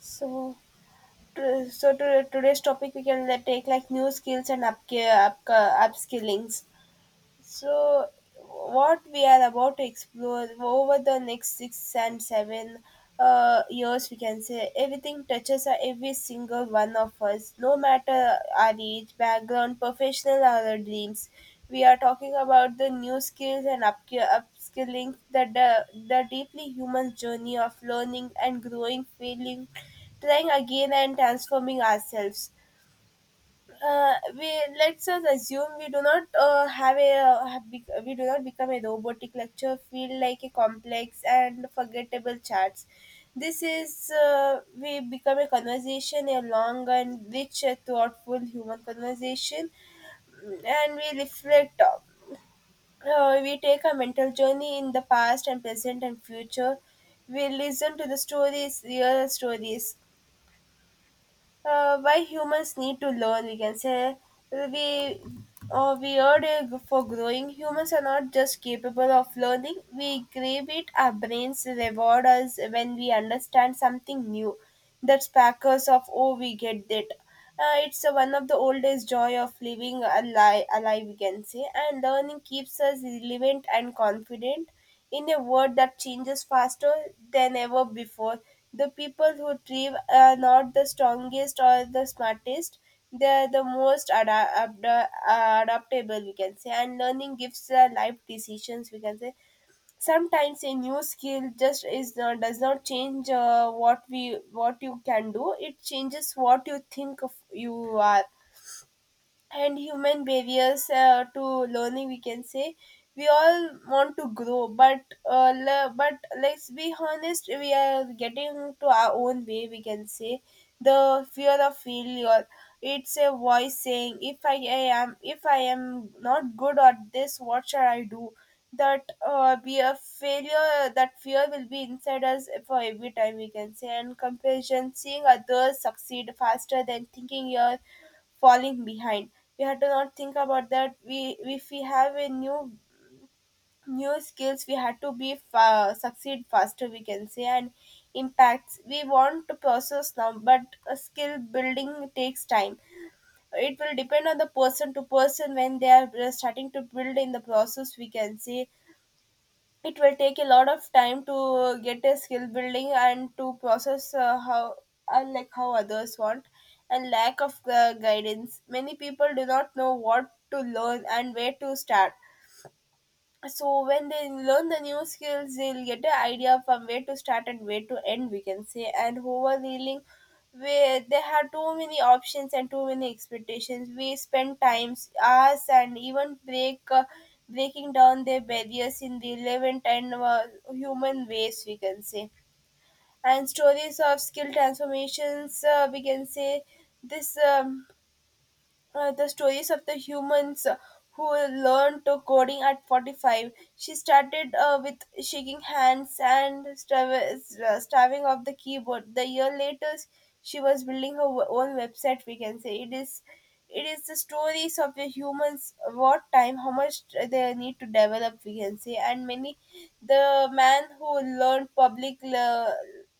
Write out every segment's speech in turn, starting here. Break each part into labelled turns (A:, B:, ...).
A: So, Today's topic we can take like new skills and up, up upskillings. So, what we are about to explore over the next 6 and 7 years, we can say everything touches every single one of us, no matter our age, background, professional, or our dreams. We are talking about the new skills and upskilling, the deeply human journey of learning and growing, failing, trying again, and transforming ourselves. Uh, we Let's just assume we do not have a have bec we do not become a robotic lecture feel like a complex and forgettable charts. This is We become a conversation, a long and rich, thoughtful human conversation. Mm, and we reflect We take a mental journey in the past and present and future. We listen to the stories, real stories. Why humans need to learn, we can say. We we are for growing Humans are not just capable of learning, we crave it. Our brains reward us when we understand something new, that sparkers of, oh, we get that. It's one of the oldest joy of living alive, we can say, and learning keeps us relevant and confident in a world that changes faster than ever before. The people who thrive are not the strongest or the smartest. They are the most adaptable, we can say. And learning gives life decisions, we can say. Sometimes a new skill just is not, does not change what you can do. It changes what you think of you are. And human barriers, to learning, we can say. We all want to grow, but let's be honest, we are getting to our own way, we can say. The fear of failure, it's a voice saying, If I am not good at this, what shall I do? That fear will be inside us for every time, we can say. And comparison, seeing others succeed faster than thinking your falling behind. We had to not think about that. We If we have a new skills, we had to be succeed faster, we can say. And impacts, we want to process now, but a skill building takes time. It will depend on the person to person when they are starting to build in the process, we can say. It will take a lot of time to get a skill building and to process how unlike how others want. And lack of guidance, many people do not know what to learn and where to start. So when they learn the new skills, they'll get the idea from where to start and where to end, we can say. And overreeling, where they have too many options and too many expectations. We spend times, hours, and even breaking down their barriers in relevant and human ways, we can say. And stories of skill transformations, we can say. This the stories of the humans who learned to coding at 45. She started with shaking hands and starving of the keyboard. The year later, she was building her own website, we can say. It is it is the stories of the humans, what time, how much they need to develop, we can say. And many, the man who learned public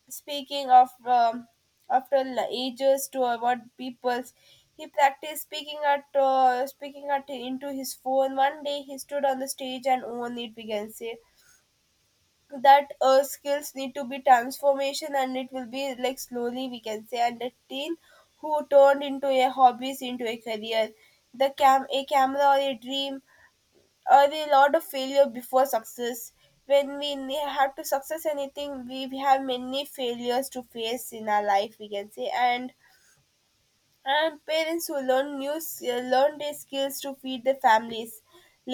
A: speaking of, after ages to avoid peoples. He practiced speaking at into his phone. One day he stood on the stage and owned it, we can say. That skills need to be transformation, and it will be like slowly, we can say. And a teen who turned into a hobbies into a career, the cam a camera, or a dream, or a lot of failure before success. When we have to success anything, we have many failures to face in our life, we can say. And parents who learn learn their skills to feed their families.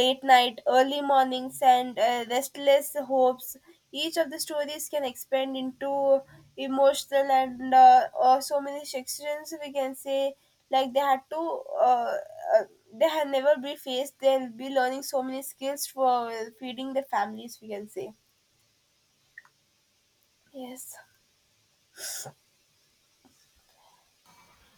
A: Late night, early mornings, and restless hopes. Each of the stories can expand into emotional and so many sections, we can say, like they had to. Uh, uh, they have never be faced. They'll be learning so many skills for feeding their families, we can say. Yes,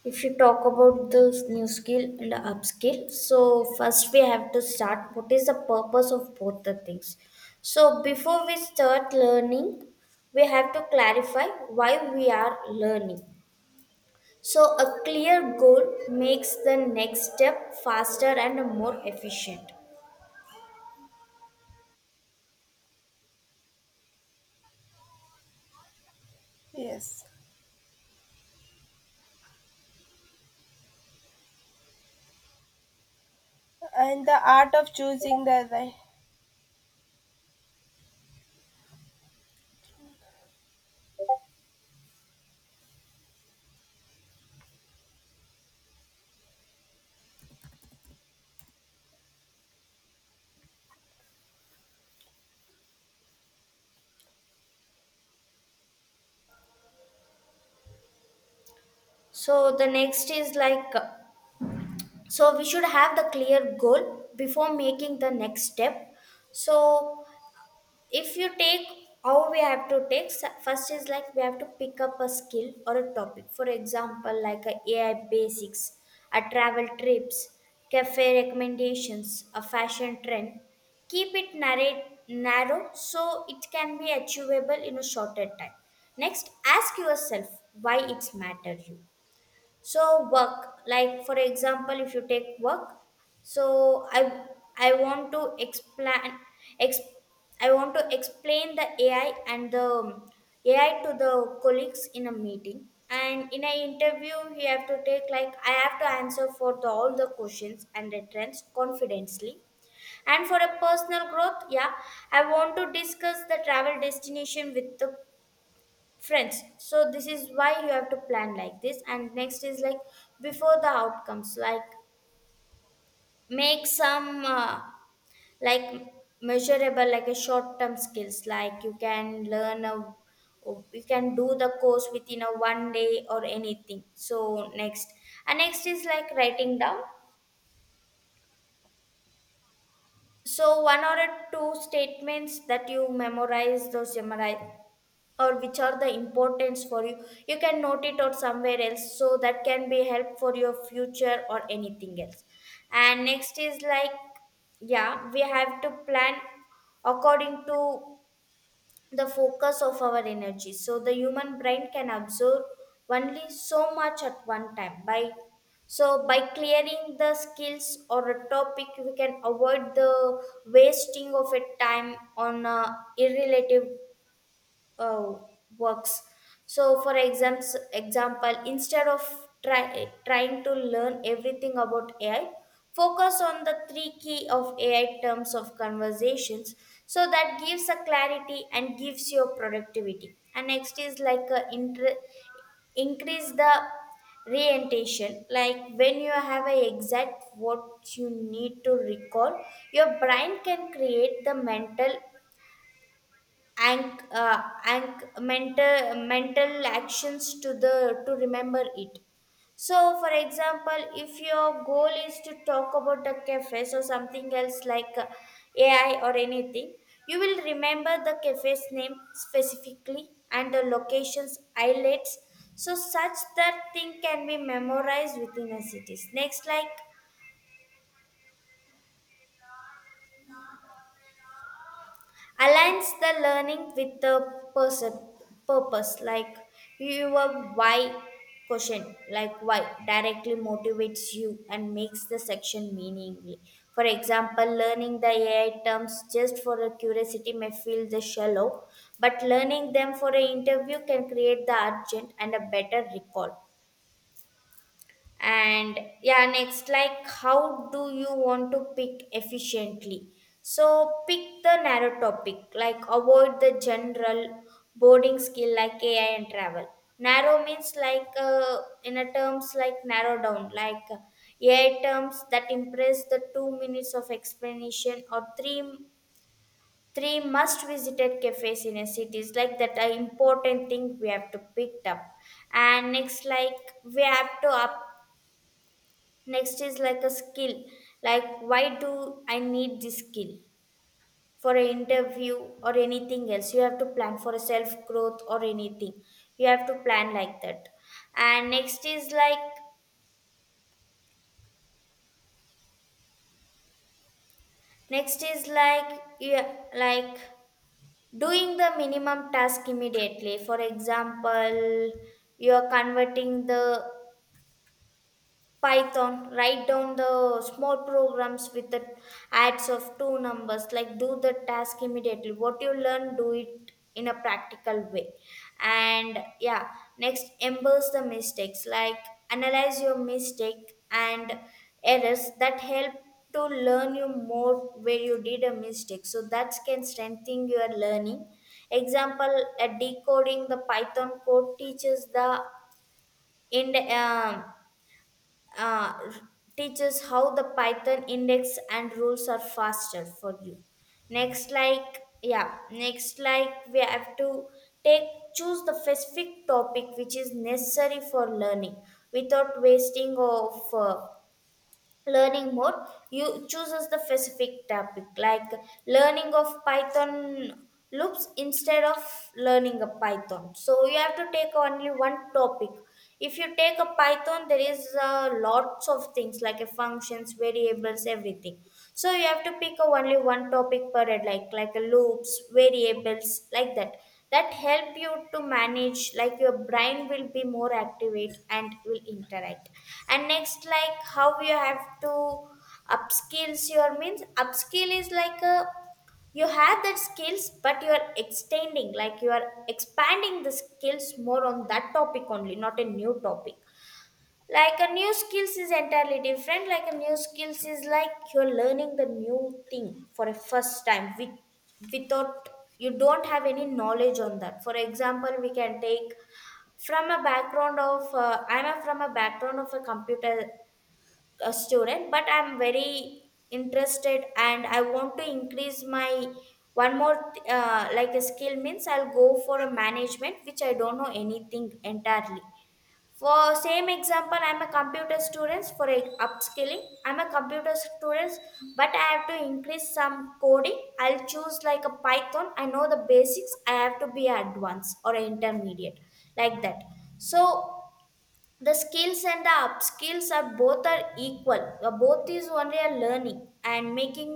B: If you talk about this new skill and upskill, so first we have to start what is the purpose of both the things. So before we start learning, we have to clarify why we are learning. So a clear goal makes the next step faster and more efficient.
A: yes, and the art of choosing the right.
B: So the next is like, so we should have the clear goal before making the next step. So if you take how we have to take first is like, we have to pick up a skill or a topic, for example like a AI basics, a travel trips, cafe recommendations, a fashion trend. Keep it narrow so it can be achievable in a shorter time. Next, ask yourself why it's matter you. So work, like for example if you take work, so I want to explain, ex, I want to explain the AI and the AI to the colleagues in a meeting, and in an interview you have to take like I have to answer for all the questions and the trends confidently. And for a personal growth, yeah, I want to discuss the travel destination with the friends. So this is why you have to plan like this. And next is like, before the outcomes, like make some like measurable, like a short term skills. Like you can learn a you can do the course within a 1 day or anything. So next, and next is like writing down, so one or two statements that you memorize, those memorize, or which are the importance for you. You can note it or somewhere else, so that can be help for your future or anything else. And next is like, yeah, we have to plan according to the focus of our energy. So the human brain can absorb only so much at one time by so by clearing the skills or a topic, we can avoid the wasting of a time on irrelative uh, works. So, example, instead of trying to learn everything about AI, focus on the three key of AI terms of conversations. So that gives a clarity and gives your productivity. And next is like a increase the reorientation. Like, when you have a exact what you need to recall, your brain can create the mental mental actions to remember it. So for example, if your goal is to talk about a cafes or something else like AI or anything, you will remember the cafe's name specifically and the locations highlights. So such that thing can be memorized within a cities. Next, like aligns the learning with the person, purpose, like your why question. Like why directly motivates you and makes the section meaningly. For example, learning the AI terms just for a curiosity may feel the shallow, but learning them for an interview can create the urgent and a better recall. And yeah, next like how do you want to pick efficiently. So pick the narrow topic, like avoid the general boarding skill like AI and travel. Narrow means like in a terms, like narrow down like AI terms that impress the 2 minutes of explanation, or 3 three must visited cafes in a cities, like that are important thing we have to pick up. And next like we have to up. Next is like a skill. Like, why do I need this skill? For an interview or anything else, you have to plan for a self growth or anything. You have to plan like that. And next is like, you like doing the minimum task immediately. For example, you are converting the Python, write down the small programs with the adds of two numbers, like do the task immediately. What you learn, do it in a practical way. And yeah, next, embrace the mistakes, like analyze your mistake and errors that help to learn you more where you did a mistake. So that can strengthen your learning. Example, decoding the Python code teaches the in uh, teaches how the Python index and rules are faster for you. Next, like yeah, next like we have to take choose the specific topic which is necessary for learning without wasting of learning mode. You chooses the specific topic, like learning of Python loops instead of learning a Python. So you have to take only one topic. If you take a Python, there is lots of things like a functions, variables, everything. So you have to pick a only one topic per head, like a loops, variables, like that. That help you to manage, like your brain will be more activate and will interact. And next like how you have to upskills your means upskill is like a, you have that skills but you are extending, like you are expanding the skills more on that topic only, not a new topic. Like a new skills is entirely different. Like a new skills is like you're learning the new thing for a first time without, you don't have any knowledge on that. For example, we can take from a background of a computer, a student, but I'm very interested, and I want to increase my one more like a skill. Means I'll go for a management which I don't know anything entirely. For same example, I'm a computer student for a upskilling. I'm a computer student, but I have to increase some coding. I'll choose like a Python. I know the basics. I have to be advanced or intermediate like that. So the skills and the up skills are both are equal. Both is only a learning and making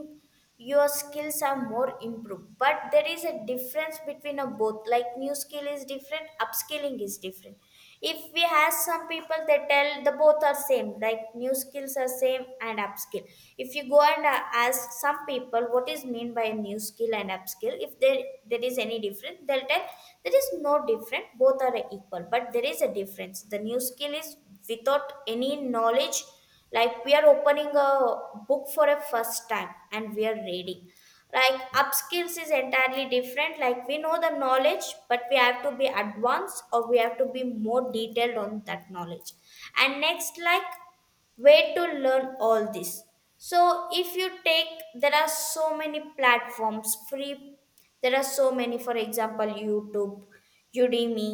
B: your skills are more improved, but there is a difference between a both. Like new skill is different, upskilling is different. If we have some people, they tell the both are same, like new skills are same and upskill. If you go and ask some people what is mean by trained by a new skill and upskill, if there is any difference, they'll tell there is no different, both are equal. But there is a difference. The new skill is without any knowledge, like we are opening a book for a first time and we are reading. Like upskills is entirely different, like we know the knowledge but we have to be advanced, or we have to be more detailed on that knowledge. And next like, way to learn all this. So if you take, there are so many platforms free. There are so many, for example, YouTube, Udemy,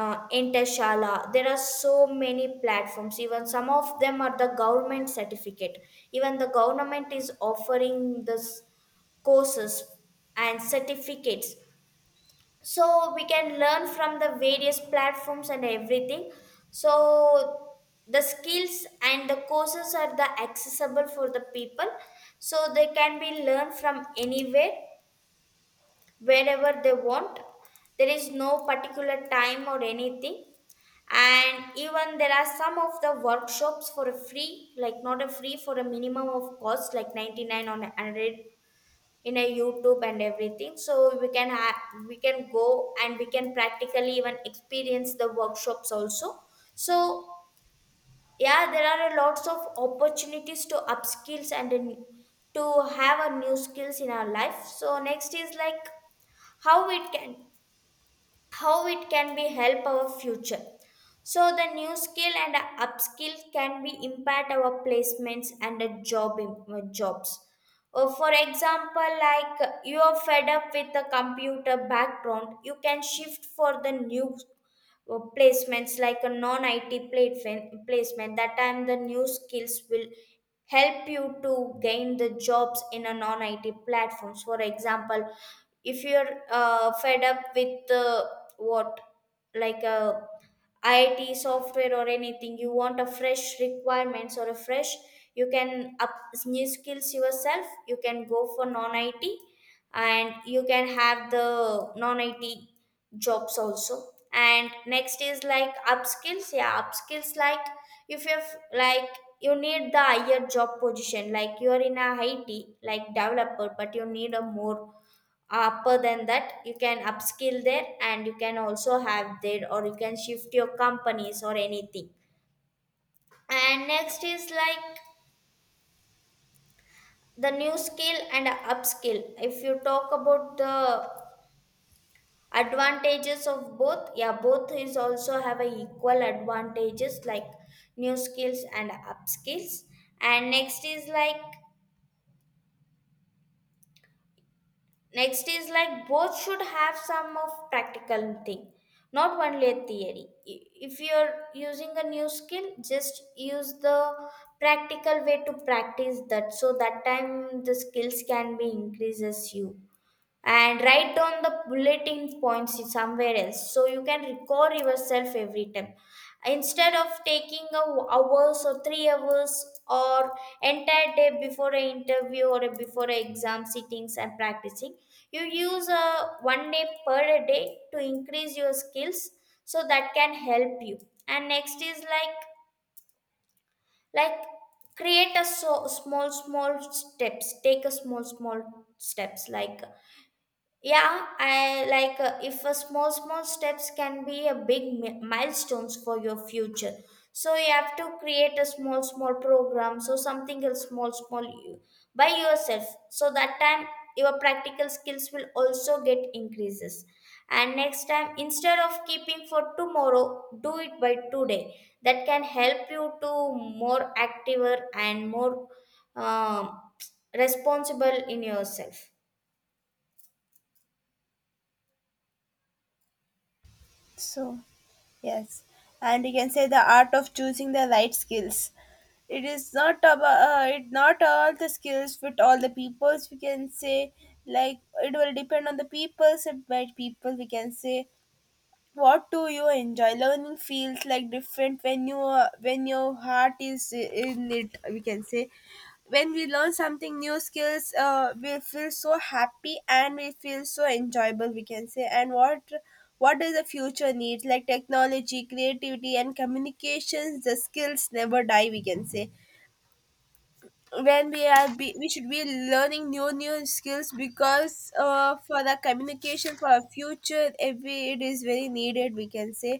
B: Intershala. There are so many platforms. Even some of them are the government certificate. Even the government is offering this courses and certificates. So we can learn from the various platforms and everything. So the skills and the courses are the accessible for the people, so they can be learned from anywhere wherever they want. There is no particular time or anything. And even there are some of the workshops for a free, like not a free, for a minimum of cost like 99 or 100 in a YouTube and everything. So we can go and we can practically even experience the workshops also. So yeah, there are a lots of opportunities to upskills and to have a new skills in our life. So next is like how it can how it can be help our future. So the new skill and upskill can be impact our placements and the jobs. For example, like you are fed up with the computer background, you can shift for the new placements, like a non IT placement, that time the new skills will help you to gain the jobs in a non IT platforms. For example, if you're fed up with what, like a IIT software or anything, you want a fresh requirements or you can up new skills yourself. You can go for non-IT, and you can have the non-IT jobs also. And next is like upskills. Yeah, upskills, like if you have like you need the higher job position, like you are in a IT like developer, but you need a more upper than that, you can upskill there, and you can also have there or you can shift your companies or anything. And next is like the new skill and upskill, if you talk about the advantages of both, yeah, both is also have a equal advantages, like new skills and upskills. And next is like both should have some of practical thing, not only a theory. If you're using a new skill, just use the practical way to practice that, so that time the skills can be increases you, and write down the bulletin points in somewhere else so you can record yourself every time instead of taking hours or 3 hours or entire day before an interview or before a exam sittings and practicing. You use a 1 day per day to increase your skills, so that can help you. And next is like create a so small small steps, take a small small steps, like, yeah, I like, if a small small steps can be a big milestones for your future. So you have to create a small small program so something else small small you, by yourself, so that time your practical skills will also get increases. And next time, instead of keeping for tomorrow, do it by today. That can help you to more activer and more, um, responsible in yourself.
A: So, yes. And you can say the art of choosing the right skills. It is not about, it not all the skills fit all the peoples, we can say, like it will depend on the peoples and by people, we can say. What do you enjoy? Learning feels like different when when your heart is in it, we can say. When we learn something new skills, we feel so happy and we feel so enjoyable, we can say. And what does the future need, like technology, creativity, and communications? The skills never die, we can say. When we are be, we should be learning new skills, because for the communication for our future every, it is very needed, we can say.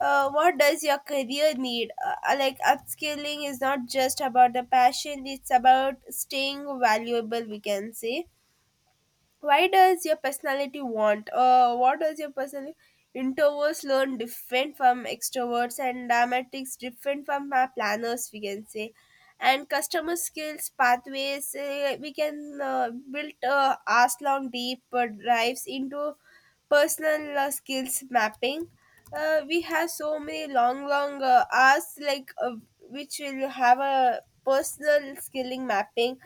A: What does your career need? Like upskilling is not just about the passion; it's about staying valuable, we can say. Why does your personality want what does your personality Introverts learn different from extroverts, and dramatics different from our planners, we can say. And customer skills pathways, we can build, as long deep drives into personal skills mapping. We have so many long long hours, like which will have a personal skilling mapping.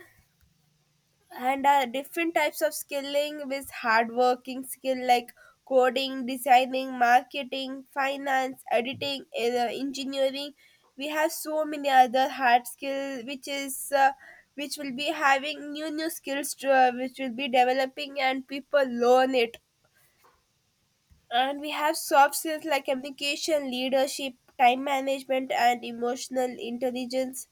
A: And different types of skilling with hardworking skill, like coding, designing, marketing, finance, editing, engineering. We have so many other hard skill, which will be having new skills which will be developing, and people learn it. And we have soft skills like communication, leadership, time management, and emotional intelligence,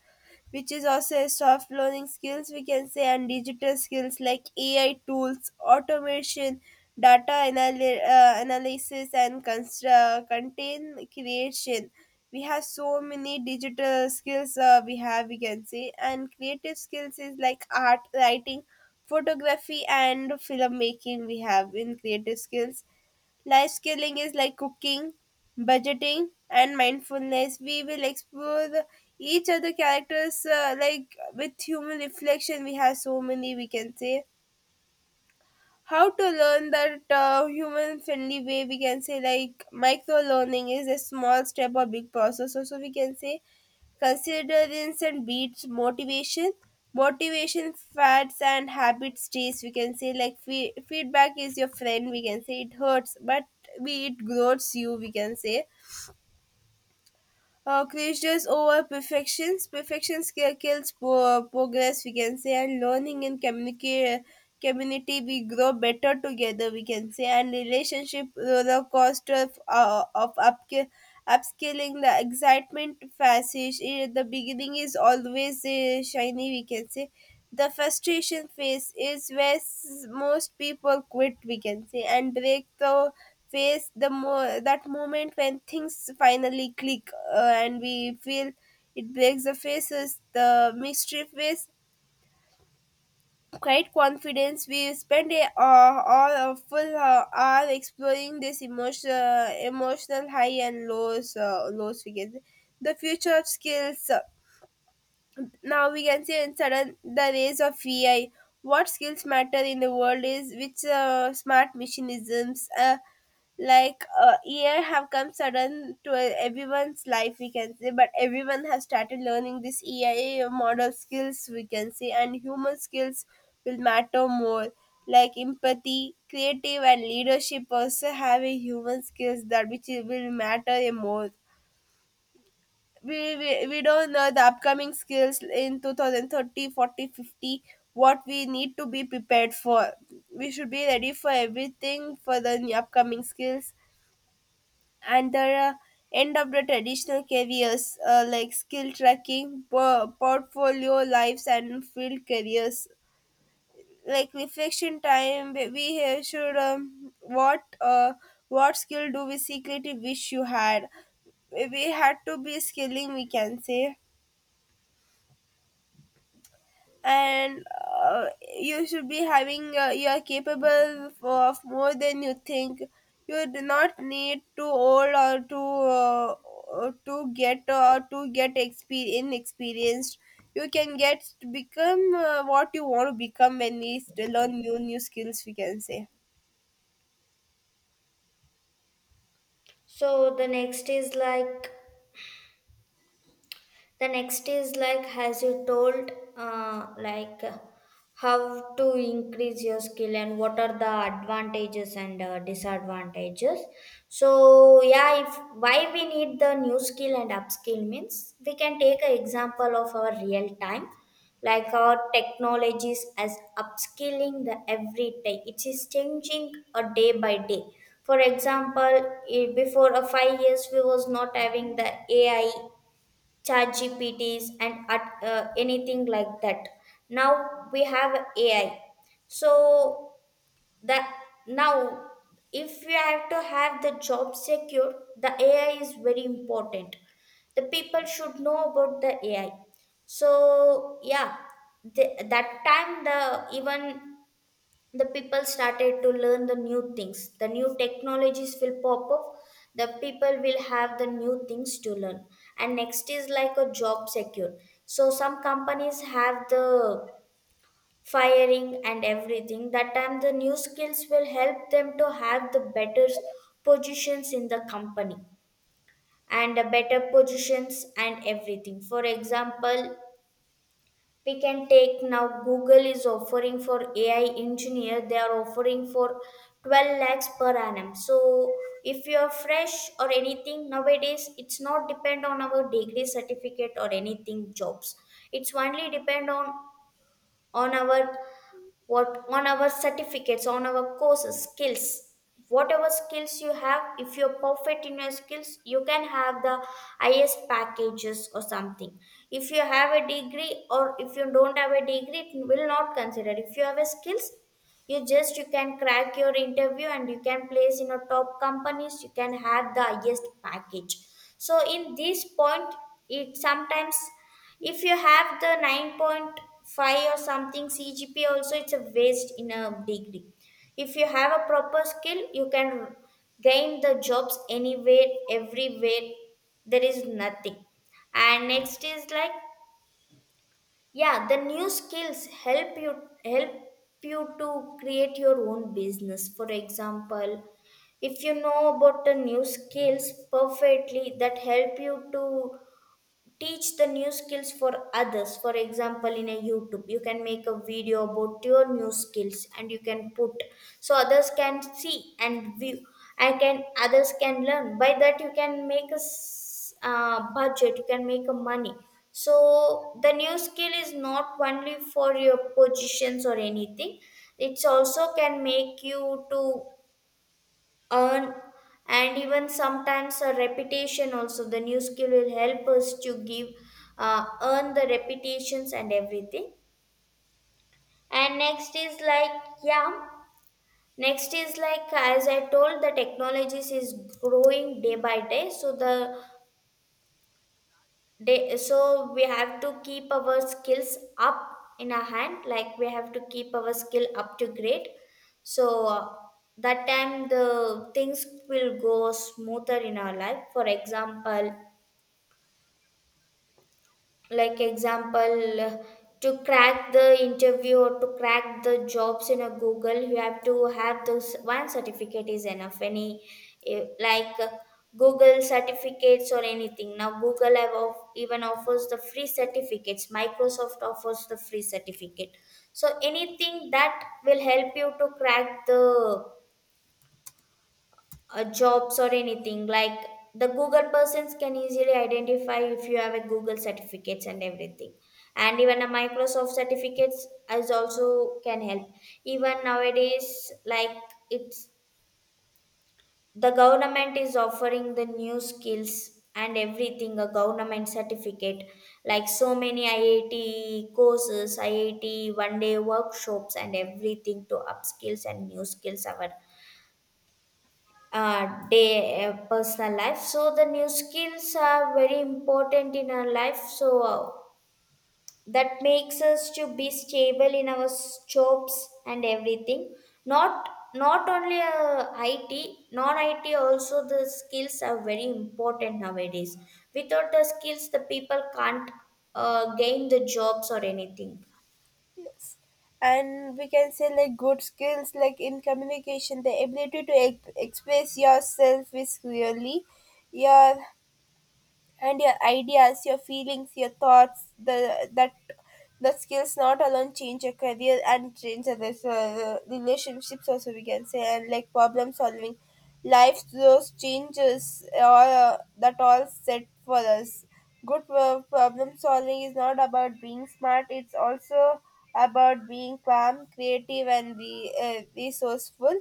A: which is also a soft learning skills, we can say. And digital skills like ai tools, automation, data analysis, and content creation. We have so many digital skills, we can say. And creative skills is like art, writing, photography, and filmmaking we have in creative skills. Life skilling is like cooking, budgeting, and mindfulness. We will explore each other characters, like with human reflection. We have so many, we can say. How to learn that human friendly way, we can say, like micro learning is a small step or big process, also, we can say. Considerance and beats motivation. Motivation fads and habit stays, we can say, like feedback is your friend, we can say. It hurts, but we it grows you, we can say. Crusades over perfections. Perfections kills progress, we can say, and learning in community, we grow better together, we can say, and relationship roller coaster of upscale. Upscaling the excitement passage. The beginning is always shiny, we can say. The frustration phase is where most people quit, we can say, and break the face the mo- that moment when things finally click, and we feel it breaks the faces, the mystery face, quite confidence. We spend all a full hour exploring this emotional high and lows, lows figures, the future of skills. Now we can see in sudden the rise of ai. What skills matter in the world is which smart machinisms, like a year have come sudden to everyone's life, we can say. But everyone has started learning this eia model skills, we can say. And human skills will matter more, like empathy, creative, and leadership also have a human skills that which will matter a more. We don't know the upcoming skills in 2030, 40, 50, what we need to be prepared for. We should be ready for everything for the upcoming skills, and the uh, end of the traditional careers, like skill tracking, portfolio lives, and field careers. Like reflection time, we should, what, what skill do we secretly wish you had? We had to be skilling, we can say. And uh, you should be having, you are capable of more than you think. You do not need to old, or to get or to get inexperienced. You can get become, what you want to become when we still learn new skills, we can say.
B: So the next is like has you told, like, how to increase your skill and what are the advantages and disadvantages. So yeah, if why we need the new skill and upskill means, we can take an example of our real time, like our technologies as upskilling the every day, it is changing a day by day. For example, before a 5 years we was not having the AI, chat gpts and at, anything like that. Now we have AI. So that now, if you have to have the job secure, the AI is very important. The people should know about the AI. So yeah, that time the, even the people started to learn the new things, the new technologies will pop up, the people will have the new things to learn. And next is like a job secure. So some companies have the firing and everything, that time the new skills will help them to have the better positions in the company, and a better positions and everything. For example, we can take, now Google is offering for AI engineer, they are offering for 12 lakhs per annum. So if you are fresh or anything, nowadays it's not depend on our degree certificate or anything jobs, it's only depend on our what, on our certificates, on our courses, skills. Whatever skills you have, if you're perfect in your skills, you can have the highest packages or something. If you have a degree or if you don't have a degree, it will not consider. If you have a skills, you can crack your interview and you can place in a top companies, you can have the highest package. So in this point, it sometimes, if you have the 9.5 or something CGPA also, it's a waste in a degree. If you have a proper skill, you can gain the jobs anywhere, everywhere. There is nothing. And next is like, yeah, the new skills help you, help you to create your own business. For example, if you know about the new skills perfectly, that help you to teach the new skills for others. For example, in a YouTube you can make a video about your new skills and you can put, so others can see and view, I can others can learn by that, you can make budget, you can make a money. So the new skill is not only for your positions or anything, it's also can make you to earn. And even sometimes a reputation also, the new skill will help us to give, earn the reputations and everything. And next is like, yeah, next is like, as I told, the technologies is growing day by day, so so we have to keep our skills up in our hand, like we have to keep our skill up to grade. So, that time the things will go smoother in our life. For example, like example uh, to crack the interview or to crack the jobs in a Google, you have to have those one certificate is enough. Any, eh, like uh, Google certificates or anything. Now Google have of, even offers the free certificates, Microsoft offers the free certificate. So anything that will help you to crack the, jobs or anything. Like the Google persons can easily identify if you have a Google certificates and everything, and even a Microsoft certificates as also can help. Even nowadays, like, it's, the government is offering the new skills and everything, a government certificate, like so many IIT courses, IIT 1 day workshops and everything, to upskills and new skills our, day personal life. So the new skills are very important in our life. So that makes us to be stable in our jobs and everything. Not, not only IT, non it also, the skills are very important nowadays. Without the skills, the people can't gain the jobs or anything.
A: Yes. And we can say, like good skills, like in communication, the ability to express yourself is clearly your, and your ideas, your feelings, your thoughts, the skills not alone change your career and change others relationships also, we can say. And like problem solving, life, those changes all, that all set for us. Good problem solving is not about being smart, it's also about being calm, creative, and resourceful.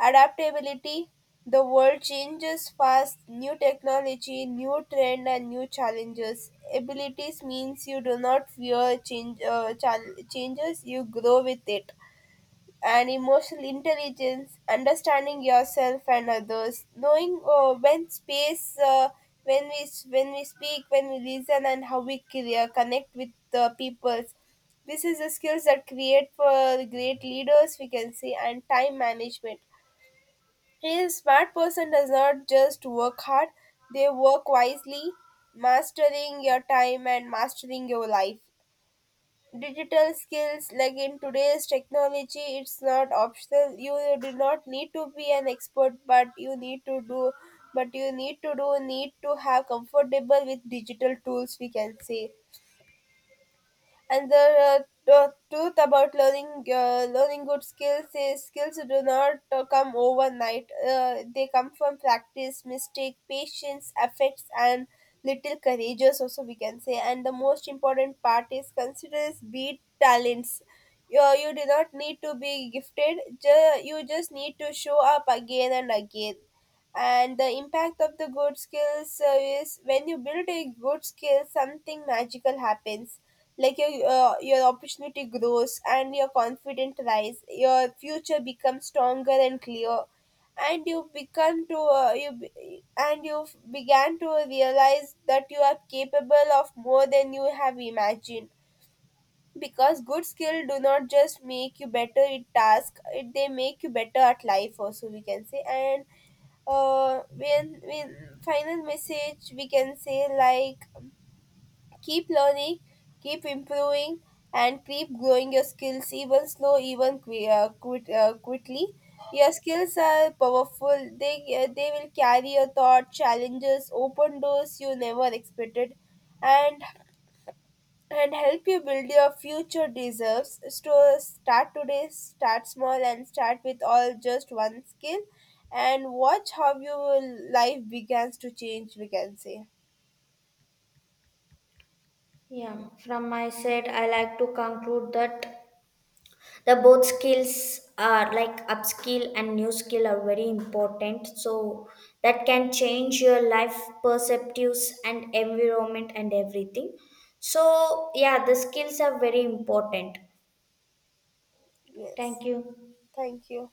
A: Adaptability. The world changes fast, new technology, new trend, and new challenges. Abilities means you do not fear change, changes, you grow with it. And emotional intelligence, understanding yourself and others, knowing when space, when we when we speak, when we listen, and how we connect with the people. This is the skills that create for great leaders, we can say. And time management, a smart person does not just work hard, they work wisely, mastering your time and mastering your life. Digital skills, like in today's technology, it's not optional. You do not need to be an expert, but you need to do, need to have comfortable with digital tools, we can say. And the truth about learning good skills is skills do not come overnight, they come from practice, mistake, patience, affects, and little courageous also, we can say. And the most important part is considers be talents. You do not need to be gifted, you just need to show up again and again. And the impact of the good skills, is when you build a good skill, something magical happens, like your opportunity grows and your confidence rise, your future becomes stronger and clear, and you began to realize that you are capable of more than you have imagined. Because good skill do not just make you better at task, they make you better at life also, we can say. And when final message, we can say, like: Keep learning, keep improving, and keep growing your skills, even slow, even quickly. Your skills are powerful. They will carry your thought, challenges, open doors you never expected, and help you build your future deserves. So, start today, start small, and start with all just one skill, and watch how your life begins to change, we can say.
B: Yeah, from my side I like to conclude that the both skills are like upskill and new skill are very important. So that can change your life perspectives and environment and everything. So yeah, the skills are very important.
A: Yes.
B: Thank you.
A: Thank you.